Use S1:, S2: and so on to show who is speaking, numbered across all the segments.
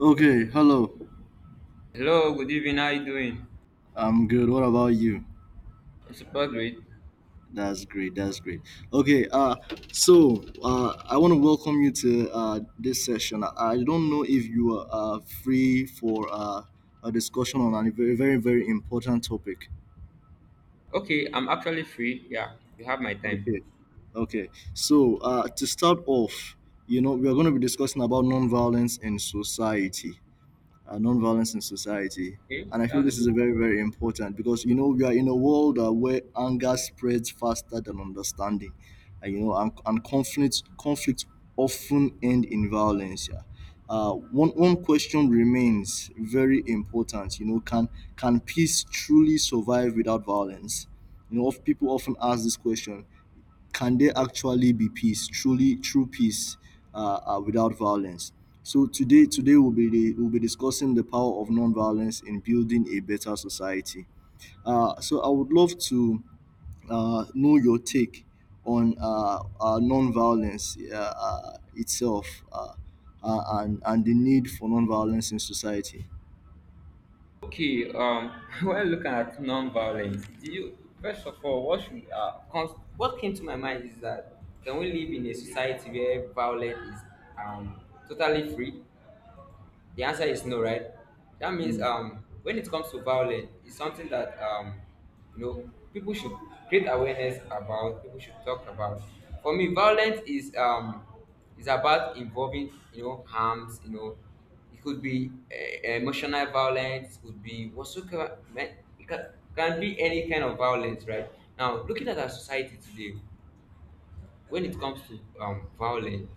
S1: Okay, hello.
S2: Hello, good evening. How you doing?
S1: I'm good. What about you?
S2: I'm super great.
S1: That's great. That's great. Okay, so I want to welcome you to this session. I don't know if you are free for a discussion on a very very very important topic.
S2: Okay, I'm actually free. Yeah, you have my time.
S1: Okay. Okay. So, to start off, you know, we are going to be discussing about nonviolence in society. Nonviolence in society.
S2: Okay,
S1: And I feel
S2: that's a
S1: this is
S2: good.
S1: a very, very important because you know we are in a world where anger spreads faster than understanding, and you know, and conflict often end in violence. Yeah. One question remains very important. You know, can peace truly survive without violence? You know, people often ask this question, can there actually be peace, truly true peace without violence? So today we'll be discussing the power of nonviolence in building a better society. So I would love to know your take on nonviolence itself, and the need for nonviolence in society.
S2: Okay, when looking at non-violence, do you first of all, what should comes, what came to my mind is that can we live in a society where violence is totally free? The answer is no, right? That means
S1: Mm.
S2: when it comes to violence, it's something that you know people should create awareness about. People should talk about. For me, violence is about involving you know harms. You know, it could be emotional violence. Could be whatsoever. It can be any kind of violence, right? Now, looking at our society today, when it comes to violence,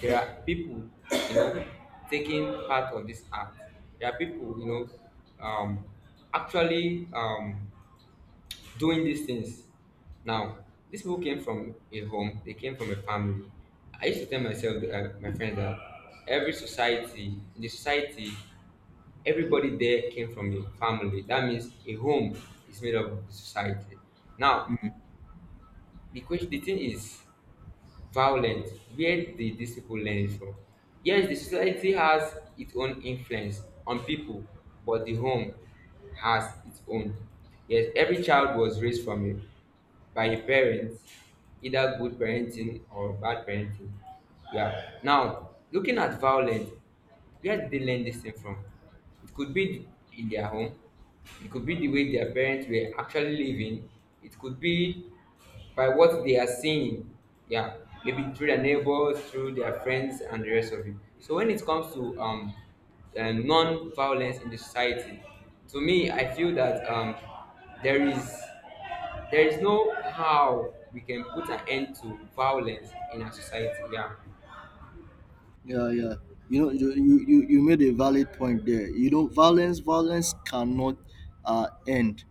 S2: there are people you know taking part of this act. There are people you know um actually doing these things now. These people came from a home. They came from a family. I used to tell myself my friends that every society in the society, everybody there came from a family. That means a home is made up of the society. Now, the question, the thing is violent, where did the disciple learn it from? Yes, the society has its own influence on people, but the home has its own. Yes, every child was raised from a, by a parent, either good parenting or bad parenting. Yeah, now looking at violence, where did they learn this thing from? It could be in their home. It could be the way their parents were actually living. It could be by what they are seeing. Yeah, maybe through their neighbors, through their friends, and the rest of it. So when it comes to non-violence in the society, to me, I feel that there is there is no how we can put an end to violence in our society. Yeah.
S1: Yeah, yeah. You know, you made a valid point there. You know, violence cannot end,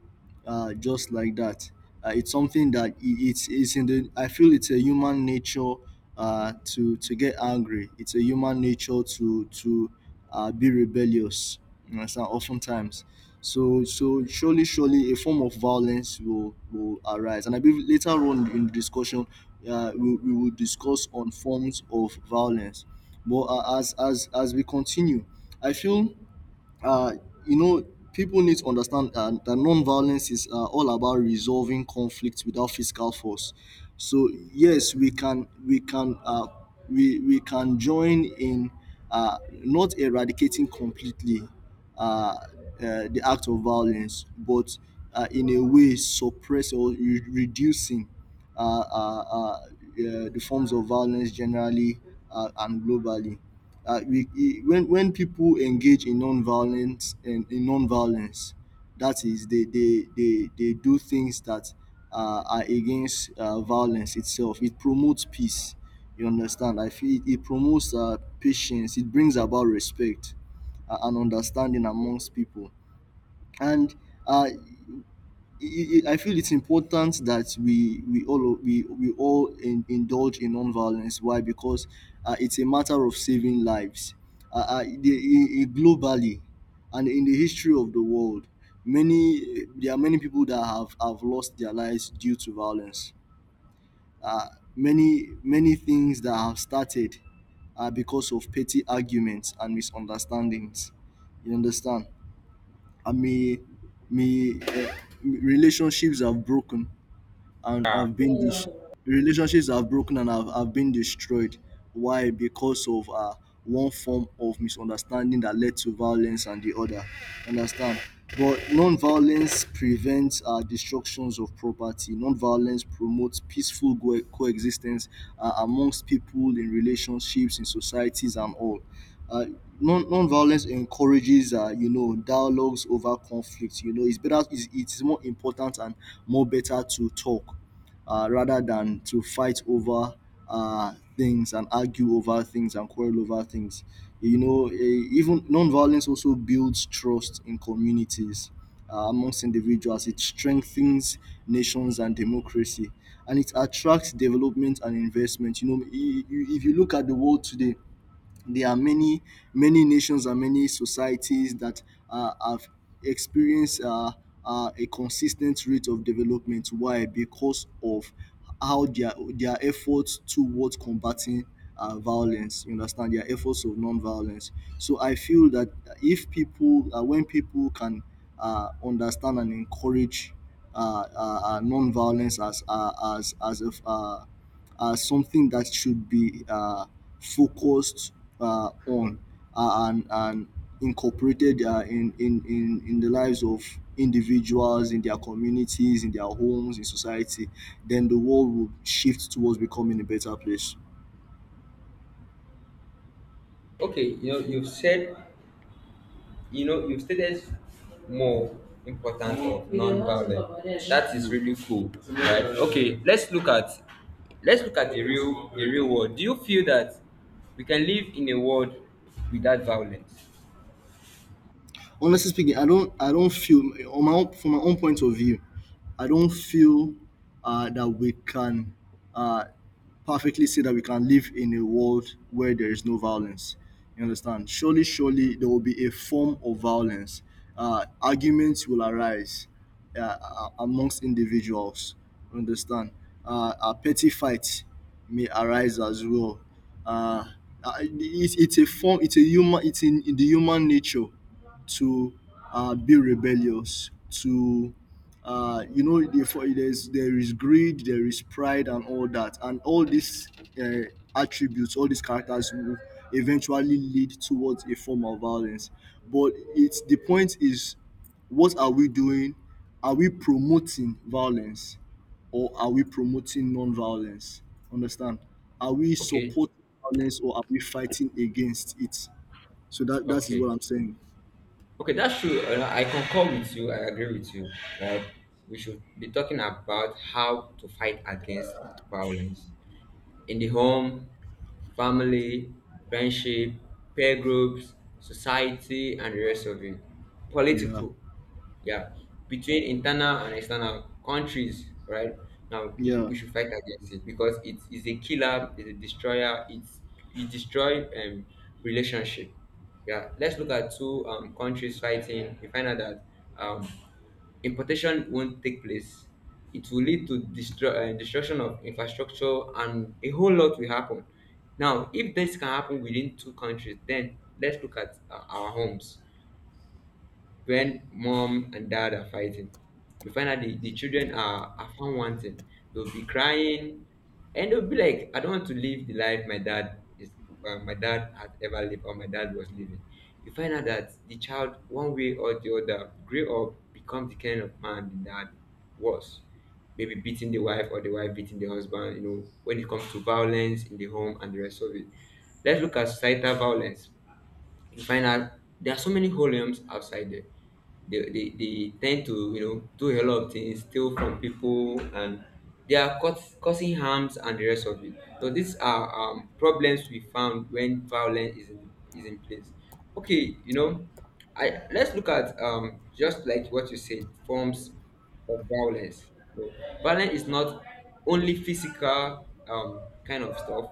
S1: just like that. It's it's in the. I feel it's a human nature to get angry. It's a human nature to be rebellious. You understand? Oftentimes, surely a form of violence will arise, and I believe later on in the discussion, we will discuss on forms of violence. But as we continue, I feel, uh, you know, people need to understand that violence is all about resolving conflict without physical force. So yes, we can join in, not eradicating completely uh, uh, the act of violence, but in a way suppress or reducing uh, uh, uh, uh, the forms of violence generally and globally. Uh, we, e- when when people engage in non-violence and in non-violence, that is, they do things that are against violence itself. It promotes peace. You understand? I feel it promotes patience. It brings about respect and understanding amongst people. And uh, I I- I feel it's important that we all indulge in nonviolence. Why? Because it's a matter of saving lives. Globally, and in the history of the world, many there are many people that have lost their lives due to violence. Uh, many things that have started because of petty arguments and misunderstandings. You understand? I mean, me, uh, relationships have broken and
S2: Yeah.
S1: have been this relationships have broken and have been destroyed. Why? Because of one form of misunderstanding that led to violence and the other. Understand? But non-violence prevents destructions of property. Non-violence promotes peaceful coexistence amongst people in relationships, in societies, and all. Uh, Non-violence encourages, you know, dialogues over conflict. You know, it's better. It's more important and more better to talk, rather than to fight over things and argue over things and quarrel over things. You know, eh, even non-violence also builds trust in communities. Amongst individuals, it strengthens nations and democracy, and it attracts development and investment. You know, if you look at the world today, there are many many nations and many societies that have experienced a consistent rate of development. Why? Because of how their efforts towards combating violence. You understand their efforts of non-violence. So I feel that if people, when people can understand and encourage non-violence as something that should be focused on, and incorporated in the lives of individuals in their communities in their homes in society, then the world will shift towards becoming a better place.
S2: Okay, you know, you've said, you know, you've stated more importance of non-violence. That is really cool, right? Okay, let's look at, let's look at the real, the real world. Do you feel that we can live in a world without violence?
S1: Honestly speaking, I don't feel, on my own, from my own point of view, I don't feel that we can uh, perfectly say that we can live in a world where there is no violence. You understand? Surely, surely there will be a form of violence. Arguments will arise amongst individuals. You understand? A petty fight may arise as well. Uh, it's a form. It's a human. It's in the human nature to be rebellious, to you know, there is greed, there is pride, and all that, and all these uh, attributes, all these characters will eventually lead towards a form of violence. But it's the point is, what are we doing? Are we promoting violence, or are we promoting non-violence? Understand? Are we
S2: Okay,
S1: supporting violence, or are we fighting against it? So that is what
S2: okay,
S1: I'm saying.
S2: okay. That's true. I concur with you. I agree with you. Right? We should be talking about how to fight against violence. In the home, family, friendship, peer groups, society, and the rest of it.
S1: Yeah.
S2: Political, yeah, between internal and external countries, right? Now we,
S1: Yeah.
S2: we should fight against it because it is a killer, it's a destroyer, it's, it destroy relationship. Yeah, let's look at two countries fighting. We find out that um importation won't take place. It will lead to destruction of infrastructure and a whole lot will happen. Now, if this can happen within two countries, then let's look at our homes. When mom and dad are fighting, you find out the children are found wanting. They'll be crying and they'll be like, I don't want to live the life my dad is, my dad had ever lived or my dad was living. You find out that the child, one way or the other, grew up, become the kind of man the dad was. Maybe beating the wife or the wife beating the husband, you know, when it comes to violence in the home and the rest of it. Let's look at societal violence. You find out there are so many holiums outside there. They tend to, you know, do a lot of things, steal from people, and they are causing harms and the rest of it. So these are problems we found when violence is in place. Okay, you know, I, let's look at just like what you said, forms of violence. So violence is not only physical kind of stuff;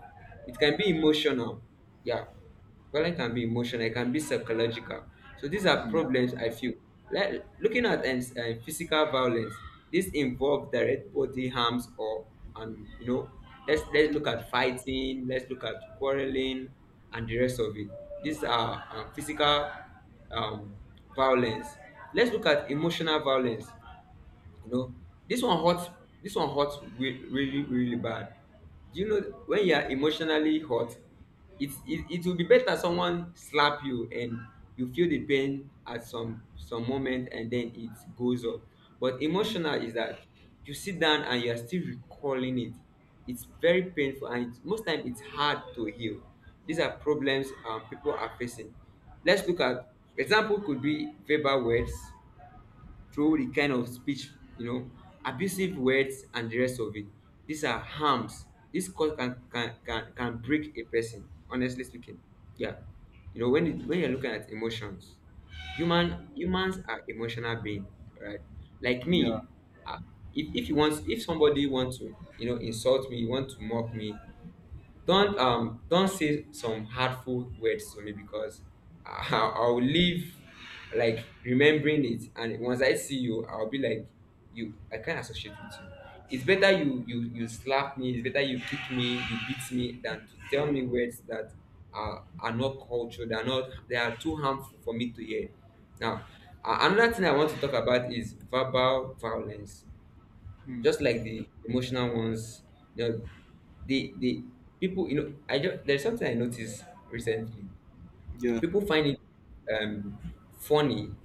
S2: it can be emotional. Yeah, violence can be emotional, it can be psychological. So these are
S1: Yeah.
S2: problems I feel. Like looking at physical violence, this involve direct body harms or, and you know, let's look at fighting, let's look at quarreling, and the rest of it. These are physical um, violence. Let's look at emotional violence. You know, this one hurt. This one hurt really, really bad. Do you know when you are emotionally hurt, it will be better someone slap you and you feel the pain at some moment and then it goes up. But
S1: Mm.
S2: emotional is that you sit down and you are still recalling it. It's very painful and it's, most time it's hard to heal. These are problems people are facing. Let's look at example could be verbal words through the kind of speech, you know, abusive words and the rest of it. These are harms. This cause can break a person, honestly speaking. Yeah. You know, when it, when you're looking at emotions, humans are emotional being, right? Like
S1: Yeah.
S2: me, I- if you want if somebody wants to, you know, insult me, you want to mock me, don't say some hurtful words to me because I, I'll leave like remembering it, and once I see you I'll be like, you, I can't associate with you. It's better you you slap me. It's better you kick me, you beat me than to tell me words that are not cultural. They are not, they are too harmful for me to hear. Now, another thing I want to talk about is verbal violence,
S1: Mm.
S2: just like the emotional ones. You know, the people, you know, I just, there's something I noticed recently.
S1: Yeah.
S2: People find it um funny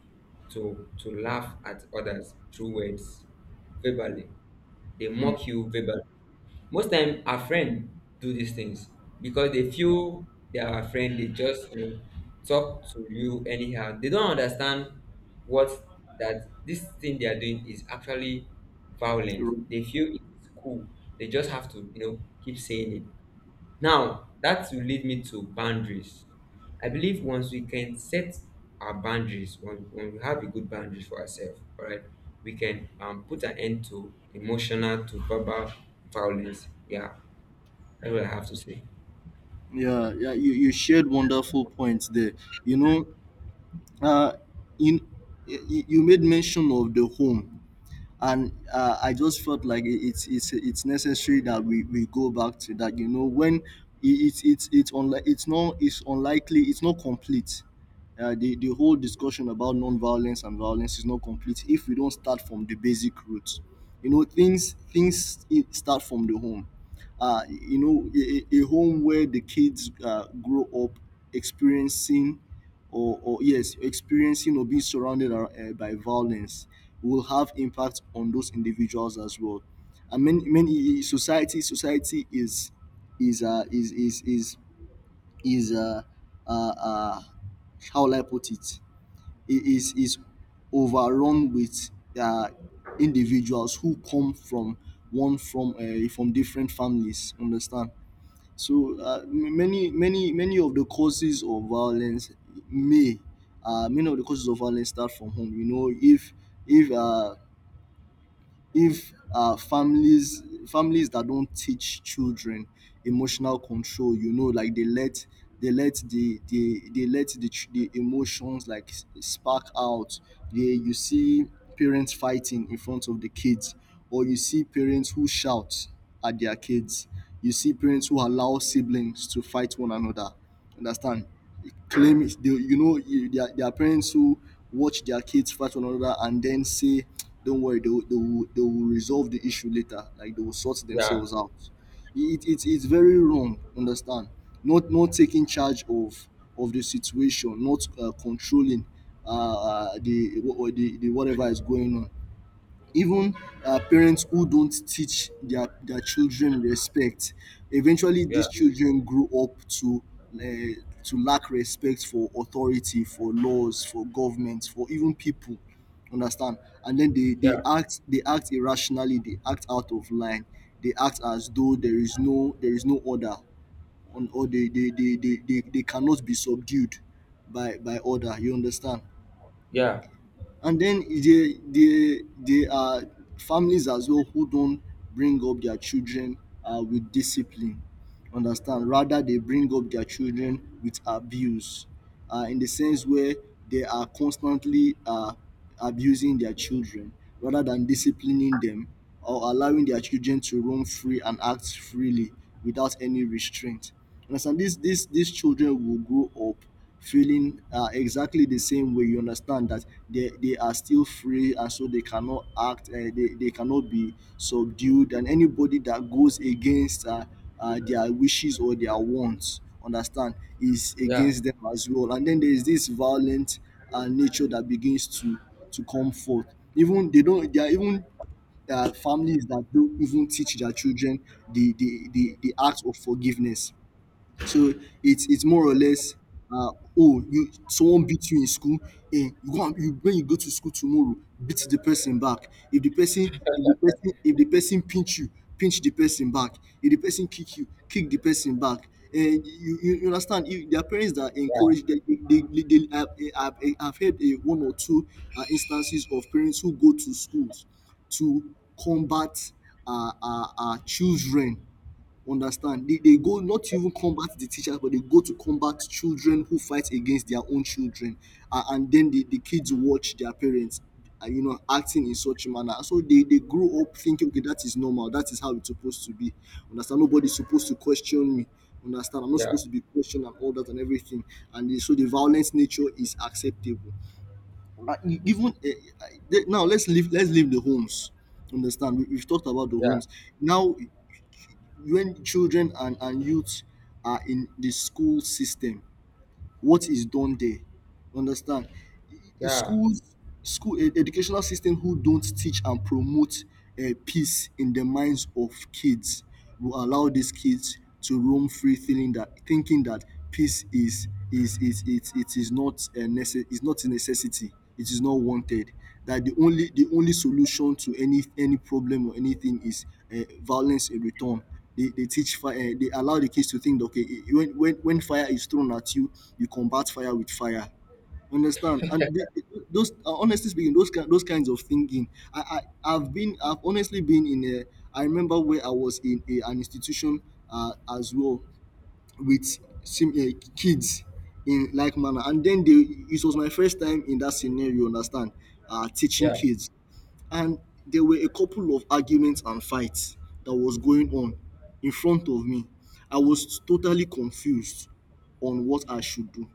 S2: to laugh at others through words verbally. They
S1: Mm.
S2: mock you verbally. Most time our friend do these things because they feel they are our friend, they just, you know, talk to you anyhow. They don't understand what, that this thing they are doing is actually
S1: You're
S2: violent.
S1: right.
S2: They feel it's cool. They just have to, you know, keep saying it. Now, that will lead me to boundaries. I believe once we can set our boundaries, when we have a good boundaries for ourselves, all right, we can put an end to emotional, to verbal violence. Yeah, that's what I have to say.
S1: Yeah. Yeah. You shared wonderful points there. You know, uh, in you, you made mention of the home. And I just felt like it- it's necessary that we go back to that you know when it's unlikely it's not complete, the whole discussion about non-violence and violence is not complete if we don't start from the basic roots. You know, things it start from the home. You know, a home where the kids grow up experiencing, or yes, experiencing or being surrounded by violence will have impact on those individuals as well. And many many society society is uh is is is is uh, uh how will I put it? It is overrun with uh, individuals who come from one from different families. Understand? So many many of the causes of violence may many of the causes of violence start from home. You know, if uh, if families that don't teach children emotional control. You know, like they let the, the emotions like spark out. They, you see parents fighting in front of the kids, or you see parents who shout at their kids, you see parents who allow siblings to fight one another. Understand? Claim it. They, you know, there are parents who watch their kids fight one another and then say, "Don't worry, they will resolve the issue later. Like they will sort
S2: Yeah,
S1: themselves out." It, it's very wrong. Understand? Not not taking charge of the situation, not controlling uh, the whatever is going on. Even parents who don't teach their children respect, eventually
S2: yeah,
S1: these children grow up to lack respect for authority, for laws, for government, for even people. Understand? And then they
S2: yeah,
S1: act, they act irrationally, they act out of line, they act as though there is no, there is no order on, or they cannot be subdued by order, you understand?
S2: yeah,
S1: And then there are families as well who don't bring up their children with discipline. Understand? Rather, they bring up their children with abuse, in the sense where they are constantly abusing their children rather than disciplining them, or allowing their children to roam free and act freely without any restraint. Understand? These children will grow up feeling exactly the same way. You understand that they are still free and so they cannot act, they cannot be subdued. And anybody that goes against their wishes or their wants, understand, is
S2: yeah,
S1: against them as well. And then there is this violent nature that begins to come forth. Even they don't, There are even families that don't even teach their children the act of forgiveness, so it's more or less, uh, oh, you, someone beat you in school and you go and, you, when you go to school tomorrow, beat the person back. If the person, if the person pinch you, pinch the person back. If the person kick you, kick the person back. And you understand, if there are parents that encourage, they I've, eh, I've heard a one or two instances of parents who go to schools to combat children. Understand? They go not to even combat the teachers, but they go to combat children who fight against their own children. And then the kids watch their parents you know, acting in such a manner, so they grow up thinking, okay, that is normal, that is how it's supposed to be. Understand, nobody's supposed to question me. Understand, I'm not
S2: yeah,
S1: supposed to be questioned and all that and everything. So the violent nature is acceptable. E- even Now, let's leave the homes. Understand, we've talked about the
S2: yeah,
S1: homes. Now, when children and youth are in the school system, what is done there? Understand?
S2: yeah, yeah,
S1: Schools, educational system who don't teach and promote peace in the minds of kids will allow these kids to roam free, feeling that, thinking that peace it is not a is not a necessity, it is not wanted, that the only solution to any problem or anything is violence in return. They teach fire. They allow the kids to think that, okay, when when fire is thrown at you, you combat fire with fire. Understand? Those, honestly speaking, those those kinds of thinking, I've honestly been in a, I remember, where I was in a, an institution as well, with sim kids in like manner. And then they, it was my first time in that scenario, you understand, teaching
S2: yeah,
S1: kids. And there were a couple of arguments and fights that was going on in front of me. I was totally confused on what I should do.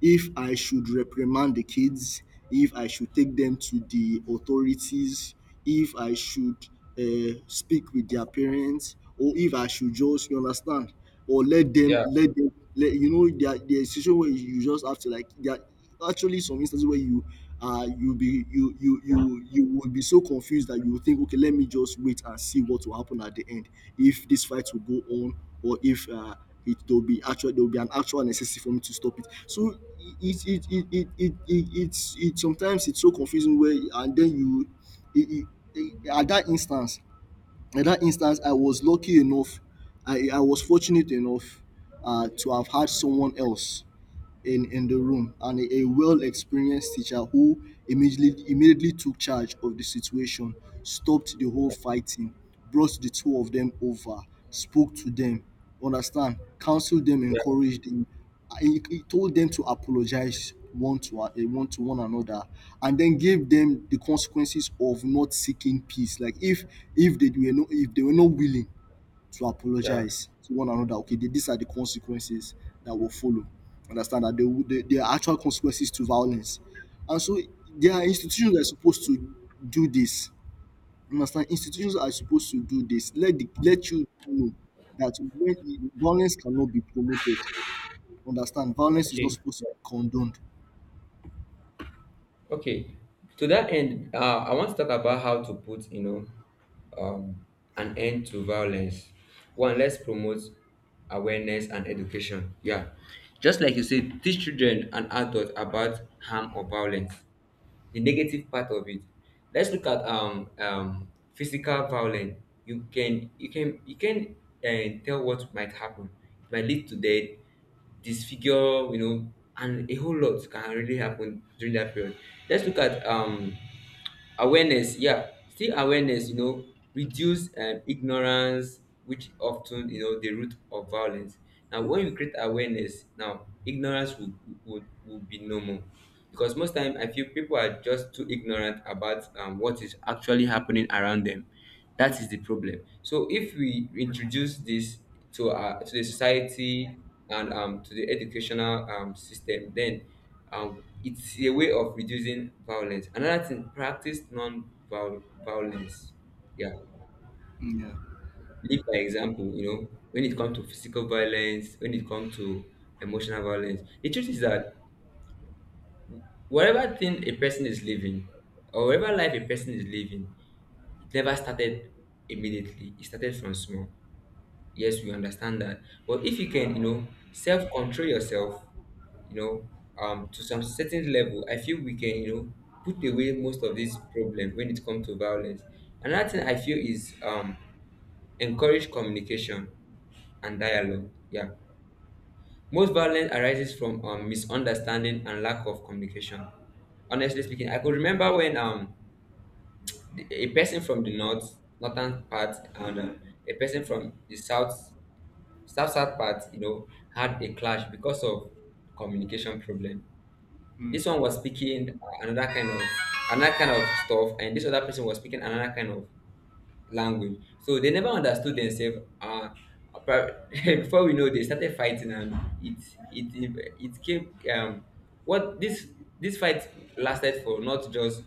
S1: If I should reprimand the kids, if I should take them to the authorities, if I should speak with their parents, or if I should just, you understand, or let them,
S2: yeah,
S1: let you know, there is situation where you just have to, like that, actually some instances where you, you'll be, you would be so confused that you will think, okay, let me just wait and see what will happen at the end, if this fight will go on, or if it will be actual, there will be an actual necessity for me to stop it. So it it's it sometimes it's so confusing. Where, and then you, it, it, at that instance, at that instance, I was lucky enough, I was fortunate enough to have had someone else in the room, and a well experienced teacher who immediately took charge of the situation, stopped the whole fighting, brought the two of them over, spoke to them. Understand? Counseled them,
S2: yeah,
S1: encouraged them. He told them to apologize one to one to one another, and then gave them the consequences of not seeking peace. Like, if if they were not willing to
S2: yeah.
S1: apologize to one another, okay, these are the consequences that will follow. Understand that there are actual consequences to violence. And so there are institutions that are supposed to do this. Understand? Institutions are supposed to do this. Let let you know that, when violence cannot be promoted. Understand? Violence is not
S2: Okay.
S1: supposed to be condoned.
S2: Okay, to that end, I want to talk about how to put, you know, um, an end to violence. One, let's promote awareness and education. Yeah, just like you said, teach children and adults about harm or violence, the negative part of it. Let's look at physical violence. You can you can tell what might happen. It might lead to death, disfigure, you know, and a whole lot can really happen during that period. Let's look at awareness. Yeah, still awareness. You know, reduce ignorance, which often, you know, the root of violence. Now, when you create awareness, now ignorance will be no more because most time I feel people are just too ignorant about what is actually happening around them. That is the problem. So if we introduce this to our, to the society and to the educational system, then it's a way of reducing violence. Another thing, practice non-violence. Yeah,
S1: Yeah.
S2: lead by example. You know, when it comes to physical violence, when it comes to emotional violence, the truth is that whatever thing a person is living or whatever life a person is living, it never started immediately. It started from small. Yes, we understand that, but if you
S1: Yeah.
S2: can, you know, self control yourself, you know, to some certain level, I feel we can, you know, put away most of these problems when it comes to violence. Another thing I feel is encourage communication and dialogue. Yeah, most violence arises from misunderstanding and lack of communication. Honestly speaking, I could remember when a person from the northern part and a person from the South South part, you know, had a clash because of communication problem. This one was speaking another kind of, another kind of stuff, and this other person was speaking another kind of language. So they never understood themselves. Before we know, they started fighting, and it it came. What this this fight lasted for not just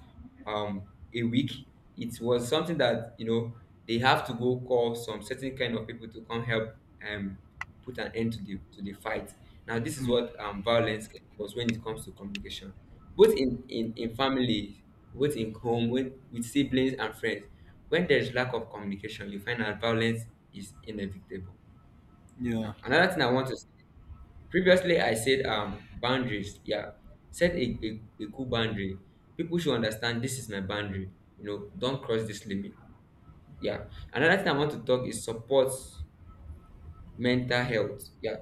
S2: um a week. It was something that, you know, they have to go call some certain kind of people to come help um put an end to the, to the fight. Now, this is
S1: Mm.
S2: what violence can cause when it comes to communication, both in, in family, both in home, when, with siblings and friends. When there is lack of communication, you find that violence is inevitable.
S1: Yeah.
S2: Now, another thing I want to say, previously I said boundaries. Yeah, set a cool boundary. People should understand this is my boundary. You know, don't cross this limit. Yeah. Another thing I want to talk is support mental health. Yeah,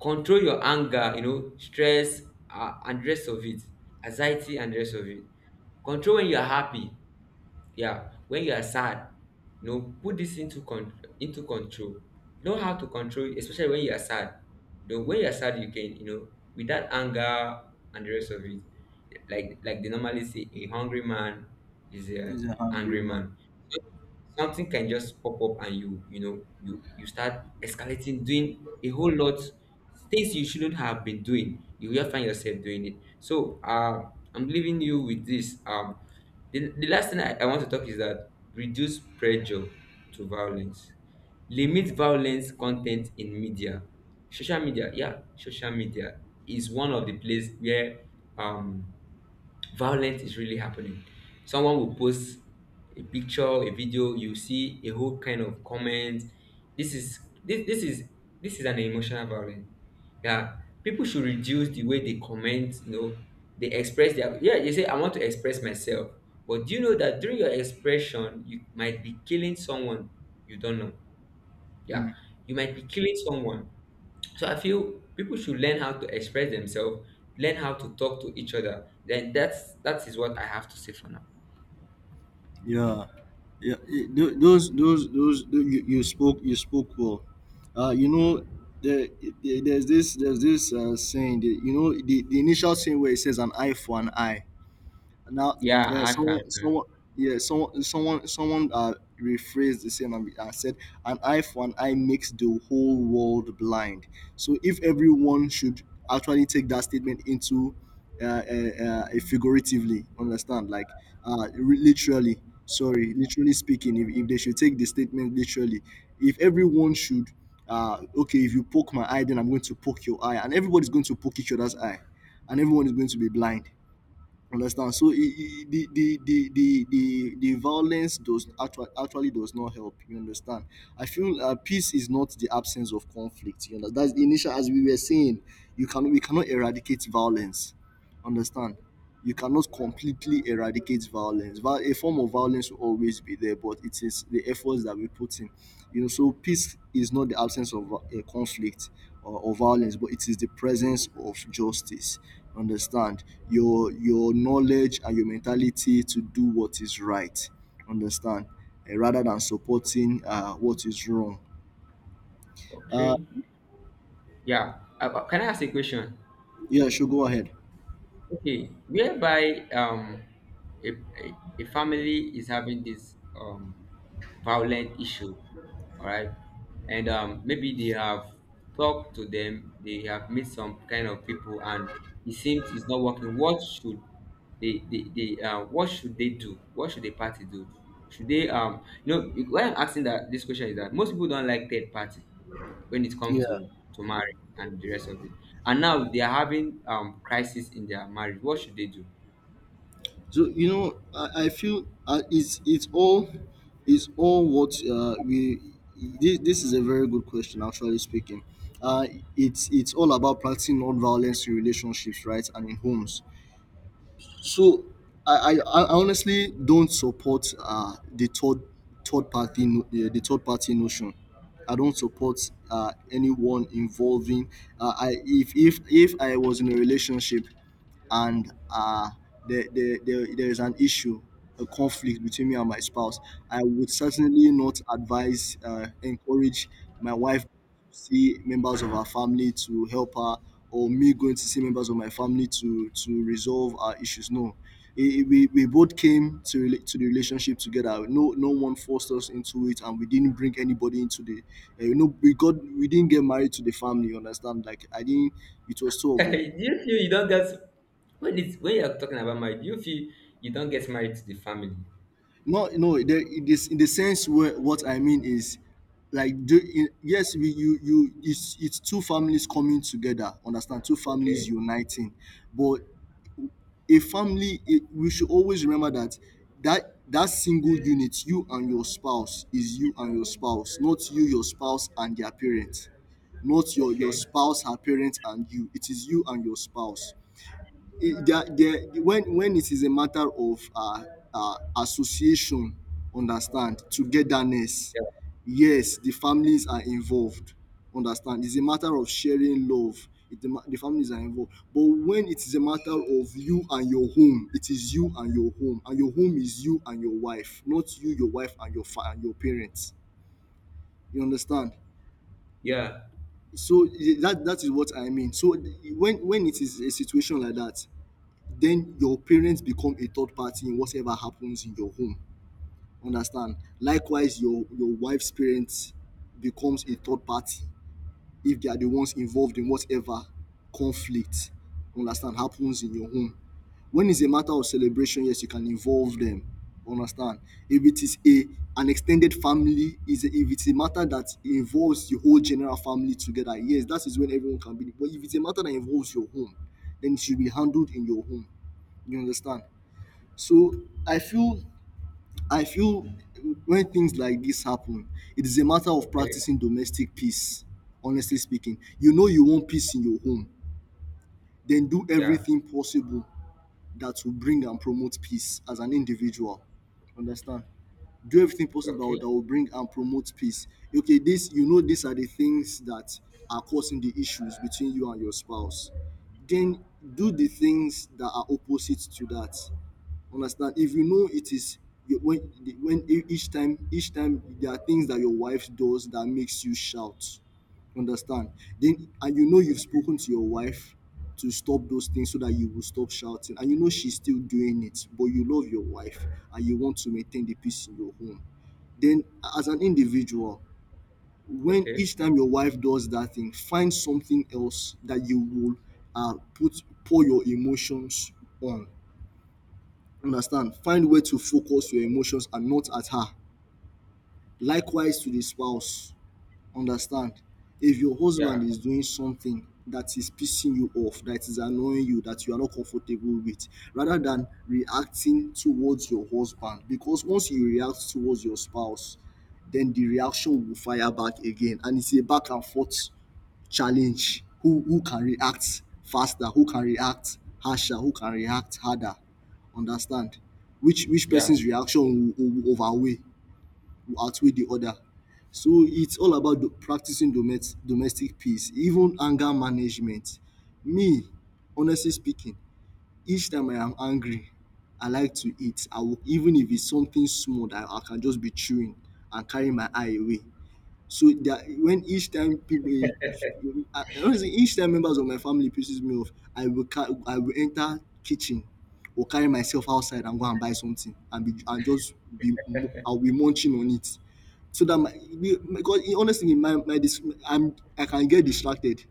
S2: control your anger, you know, stress and rest of it, anxiety and rest of it. Control when you are happy. Yeah, when you are sad, you know, put this into into control. You know how to control, it, especially when you are sad. Though when you are sad, you can, you know, with that anger and the rest of it. Like they normally say, a hungry man is a
S1: He's a hungry
S2: angry
S1: man.
S2: man. Something can just pop up and you know, you start escalating doing a whole lot things you shouldn't have been doing. You will find yourself doing it. So I'm leaving you with this. The last thing I want to talk is that reduce pressure to violence, limit violence content in media, social media. Yeah, social media is one of the place where um violence is really happening. Someone will post a picture, a video, you see a whole kind of comment. This is this is an emotional violence. Yeah, people should reduce the way they comment. You know, they express their, yeah. They say I want to express myself, but do you know that during your expression, you might be killing someone you don't know. Yeah,
S1: Mm.
S2: you might be killing someone. So I feel people should learn how to express themselves, learn how to talk to each other. Then that's, that is what I have to say for now.
S1: Yeah, yeah. You spoke, you spoke well. You know, there, there's this saying, you know, the initial saying where it says, an eye for an eye. Now,
S2: Yeah,
S1: yeah,
S2: I found that.
S1: someone rephrased the saying and said, "An eye for an eye makes the whole world blind." So if everyone should actually take that statement into, figuratively, understand, like literally, sorry, literally speaking, if they should take the statement literally, if everyone should, okay, if you poke my eye, then I'm going to poke your eye, and everybody's going to poke each other's eye, and everyone is going to be blind. Understand? So it, the violence actually does not help. You understand? I feel peace is not the absence of conflict. You know, that's the initial, as we were saying, you can we cannot eradicate violence. Understand? You cannot completely eradicate violence. A form of violence will always be there, but it is the efforts that we put in. You know, so peace is not the absence of a conflict or violence, but it is the presence of justice. Understand, your knowledge and your mentality to do what is right. Understand, rather than supporting what is wrong. Uh,
S2: Okay. Yeah. Can I ask a question?
S1: yeah, sure, go ahead.
S2: Okay, whereby a, a, a family is having this violent issue, all right, and maybe they have talked to them, they have met some kind of people, and it seems it's not working. What should they what should they do? What should the party do? Should they you know, why I'm asking that this question is that most people don't like third party when it comes
S1: Yeah.
S2: to marriage and the rest of it. And now they are having crisis in their marriage. What should they do?
S1: So you know, I feel it's all what we, this is a very good question, actually speaking. Uh, it's all about practicing non-violence in relationships, right, and in homes. So I honestly don't support the third party, no, the third party notion. I don't support anyone involving. I, if I was in a relationship and there is an issue, a conflict between me and my spouse, I would certainly not advise, encourage my wife to see members of our family to help her, or me going to see members of my family to resolve our issues. No, we both came to to the relationship together. No, no one forced us into it, and we didn't bring anybody into the. You know, we didn't get married to the family. You understand? Like, I didn't. It was two of us.
S2: do you feel you don't get, when it's when you're talking about marriage? Do you feel you don't get married to the family?
S1: No, no. In the sense, where what I mean is, like, yes, it's two families coming together. Understand? Two families
S2: Okay,
S1: uniting, but a family, we should always remember that that single unit, you and your spouse, is you and your spouse. Not you, your spouse, and their parents. Not your, your
S2: okay,
S1: spouse, her parents, and you. It is you and your spouse. When it is a matter of association, understand, togetherness.
S2: yeah,
S1: Yes, the families are involved. Understand? It's a matter of sharing love. The families are involved. But when it is a matter of you and your home, it is you and your home is you and your wife, not you, your wife, and your and your parents. You understand?
S2: yeah,
S1: So that, that is what I mean. So when it is a situation like that, then your parents become a third party in whatever happens in your home. Understand? Likewise, your wife's parents becomes a third party if they are the ones involved in whatever conflict, understand, happens in your home. When it's a matter of celebration, yes, you can involve them. Understand? If it is a, an extended family, is, if it's a matter that involves the whole general family together, yes, that is when everyone can be. But if it's a matter that involves your home, then it should be handled in your home. You understand? So I feel I feel, when things like this happen, it is a matter of
S2: okay,
S1: practicing domestic peace. Honestly speaking, you know, you want peace in your home, then do
S2: yeah,
S1: everything possible that will bring and promote peace as an individual. Understand? Do everything possible
S2: okay,
S1: that will bring and promote peace. Okay, this you know, these are the things that are causing the issues between you and your spouse. Then do the things that are opposite to that. Understand? If you know it is when, each time, there are things that your wife does that makes you shout. Understand? Then, and you know, you've spoken to your wife to stop those things so that you will stop shouting, and you know she's still doing it, but you love your wife and you want to maintain the peace in your home, then, as an individual, when,
S2: okay,
S1: each time your wife does that thing, find something else that you will put pour your emotions on. Understand? Find way to focus your emotions and not at her. Likewise to the spouse. Understand? If your husband
S2: yeah,
S1: is doing something that is pissing you off, that is annoying you, that you are not comfortable with, rather than reacting towards your husband, because once you react towards your spouse, then the reaction will fire back again, and it's a back and forth challenge. Who can react faster, who can react harsher, who can react harder, understand, which
S2: yeah,
S1: person's reaction will overweigh, will outweigh the other. So it's all about practicing domestic peace, even anger management. Me, honestly speaking, each time I am angry, I like to eat. I will, even if it's something small that I can just be chewing and carry my eye away, so that when, each time people, honestly, each time members of my family pisses me off, I will I will enter kitchen or carry myself outside and go and buy something and be and just be I'll be munching on it, so that my, because honestly, my I'm, I can get distracted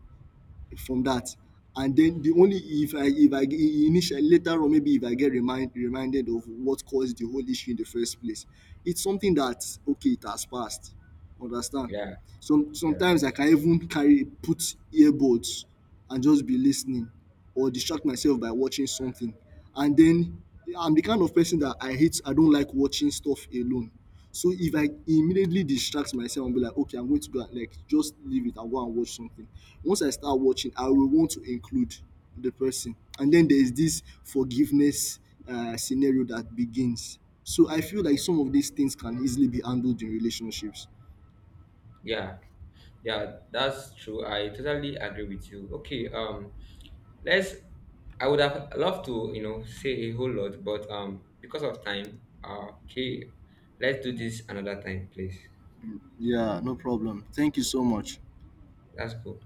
S1: from that. And then the only, if I if I initially, later on, maybe if I get reminded of what caused the whole issue in the first place, it's something that, okay, it has passed. Understand?
S2: yeah, yeah,
S1: Sometimes I can even carry put earbuds and just be listening, or distract myself by watching something. And then, I'm the kind of person that I hate, I don't like watching stuff alone. So if I immediately distract myself and be like, okay, I'm going to go and like just leave it and go and watch something. Once I start watching, I will want to include the person. And then there is this forgiveness scenario that begins. So I feel like some of these things can easily be handled in relationships.
S2: yeah, yeah. That's true. I totally agree with you. Okay, Let's. I would have loved to, you know, say a whole lot, but because of time, okay, let's do this another time, please.
S1: Yeah, no problem. Thank you so much.
S2: That's cool.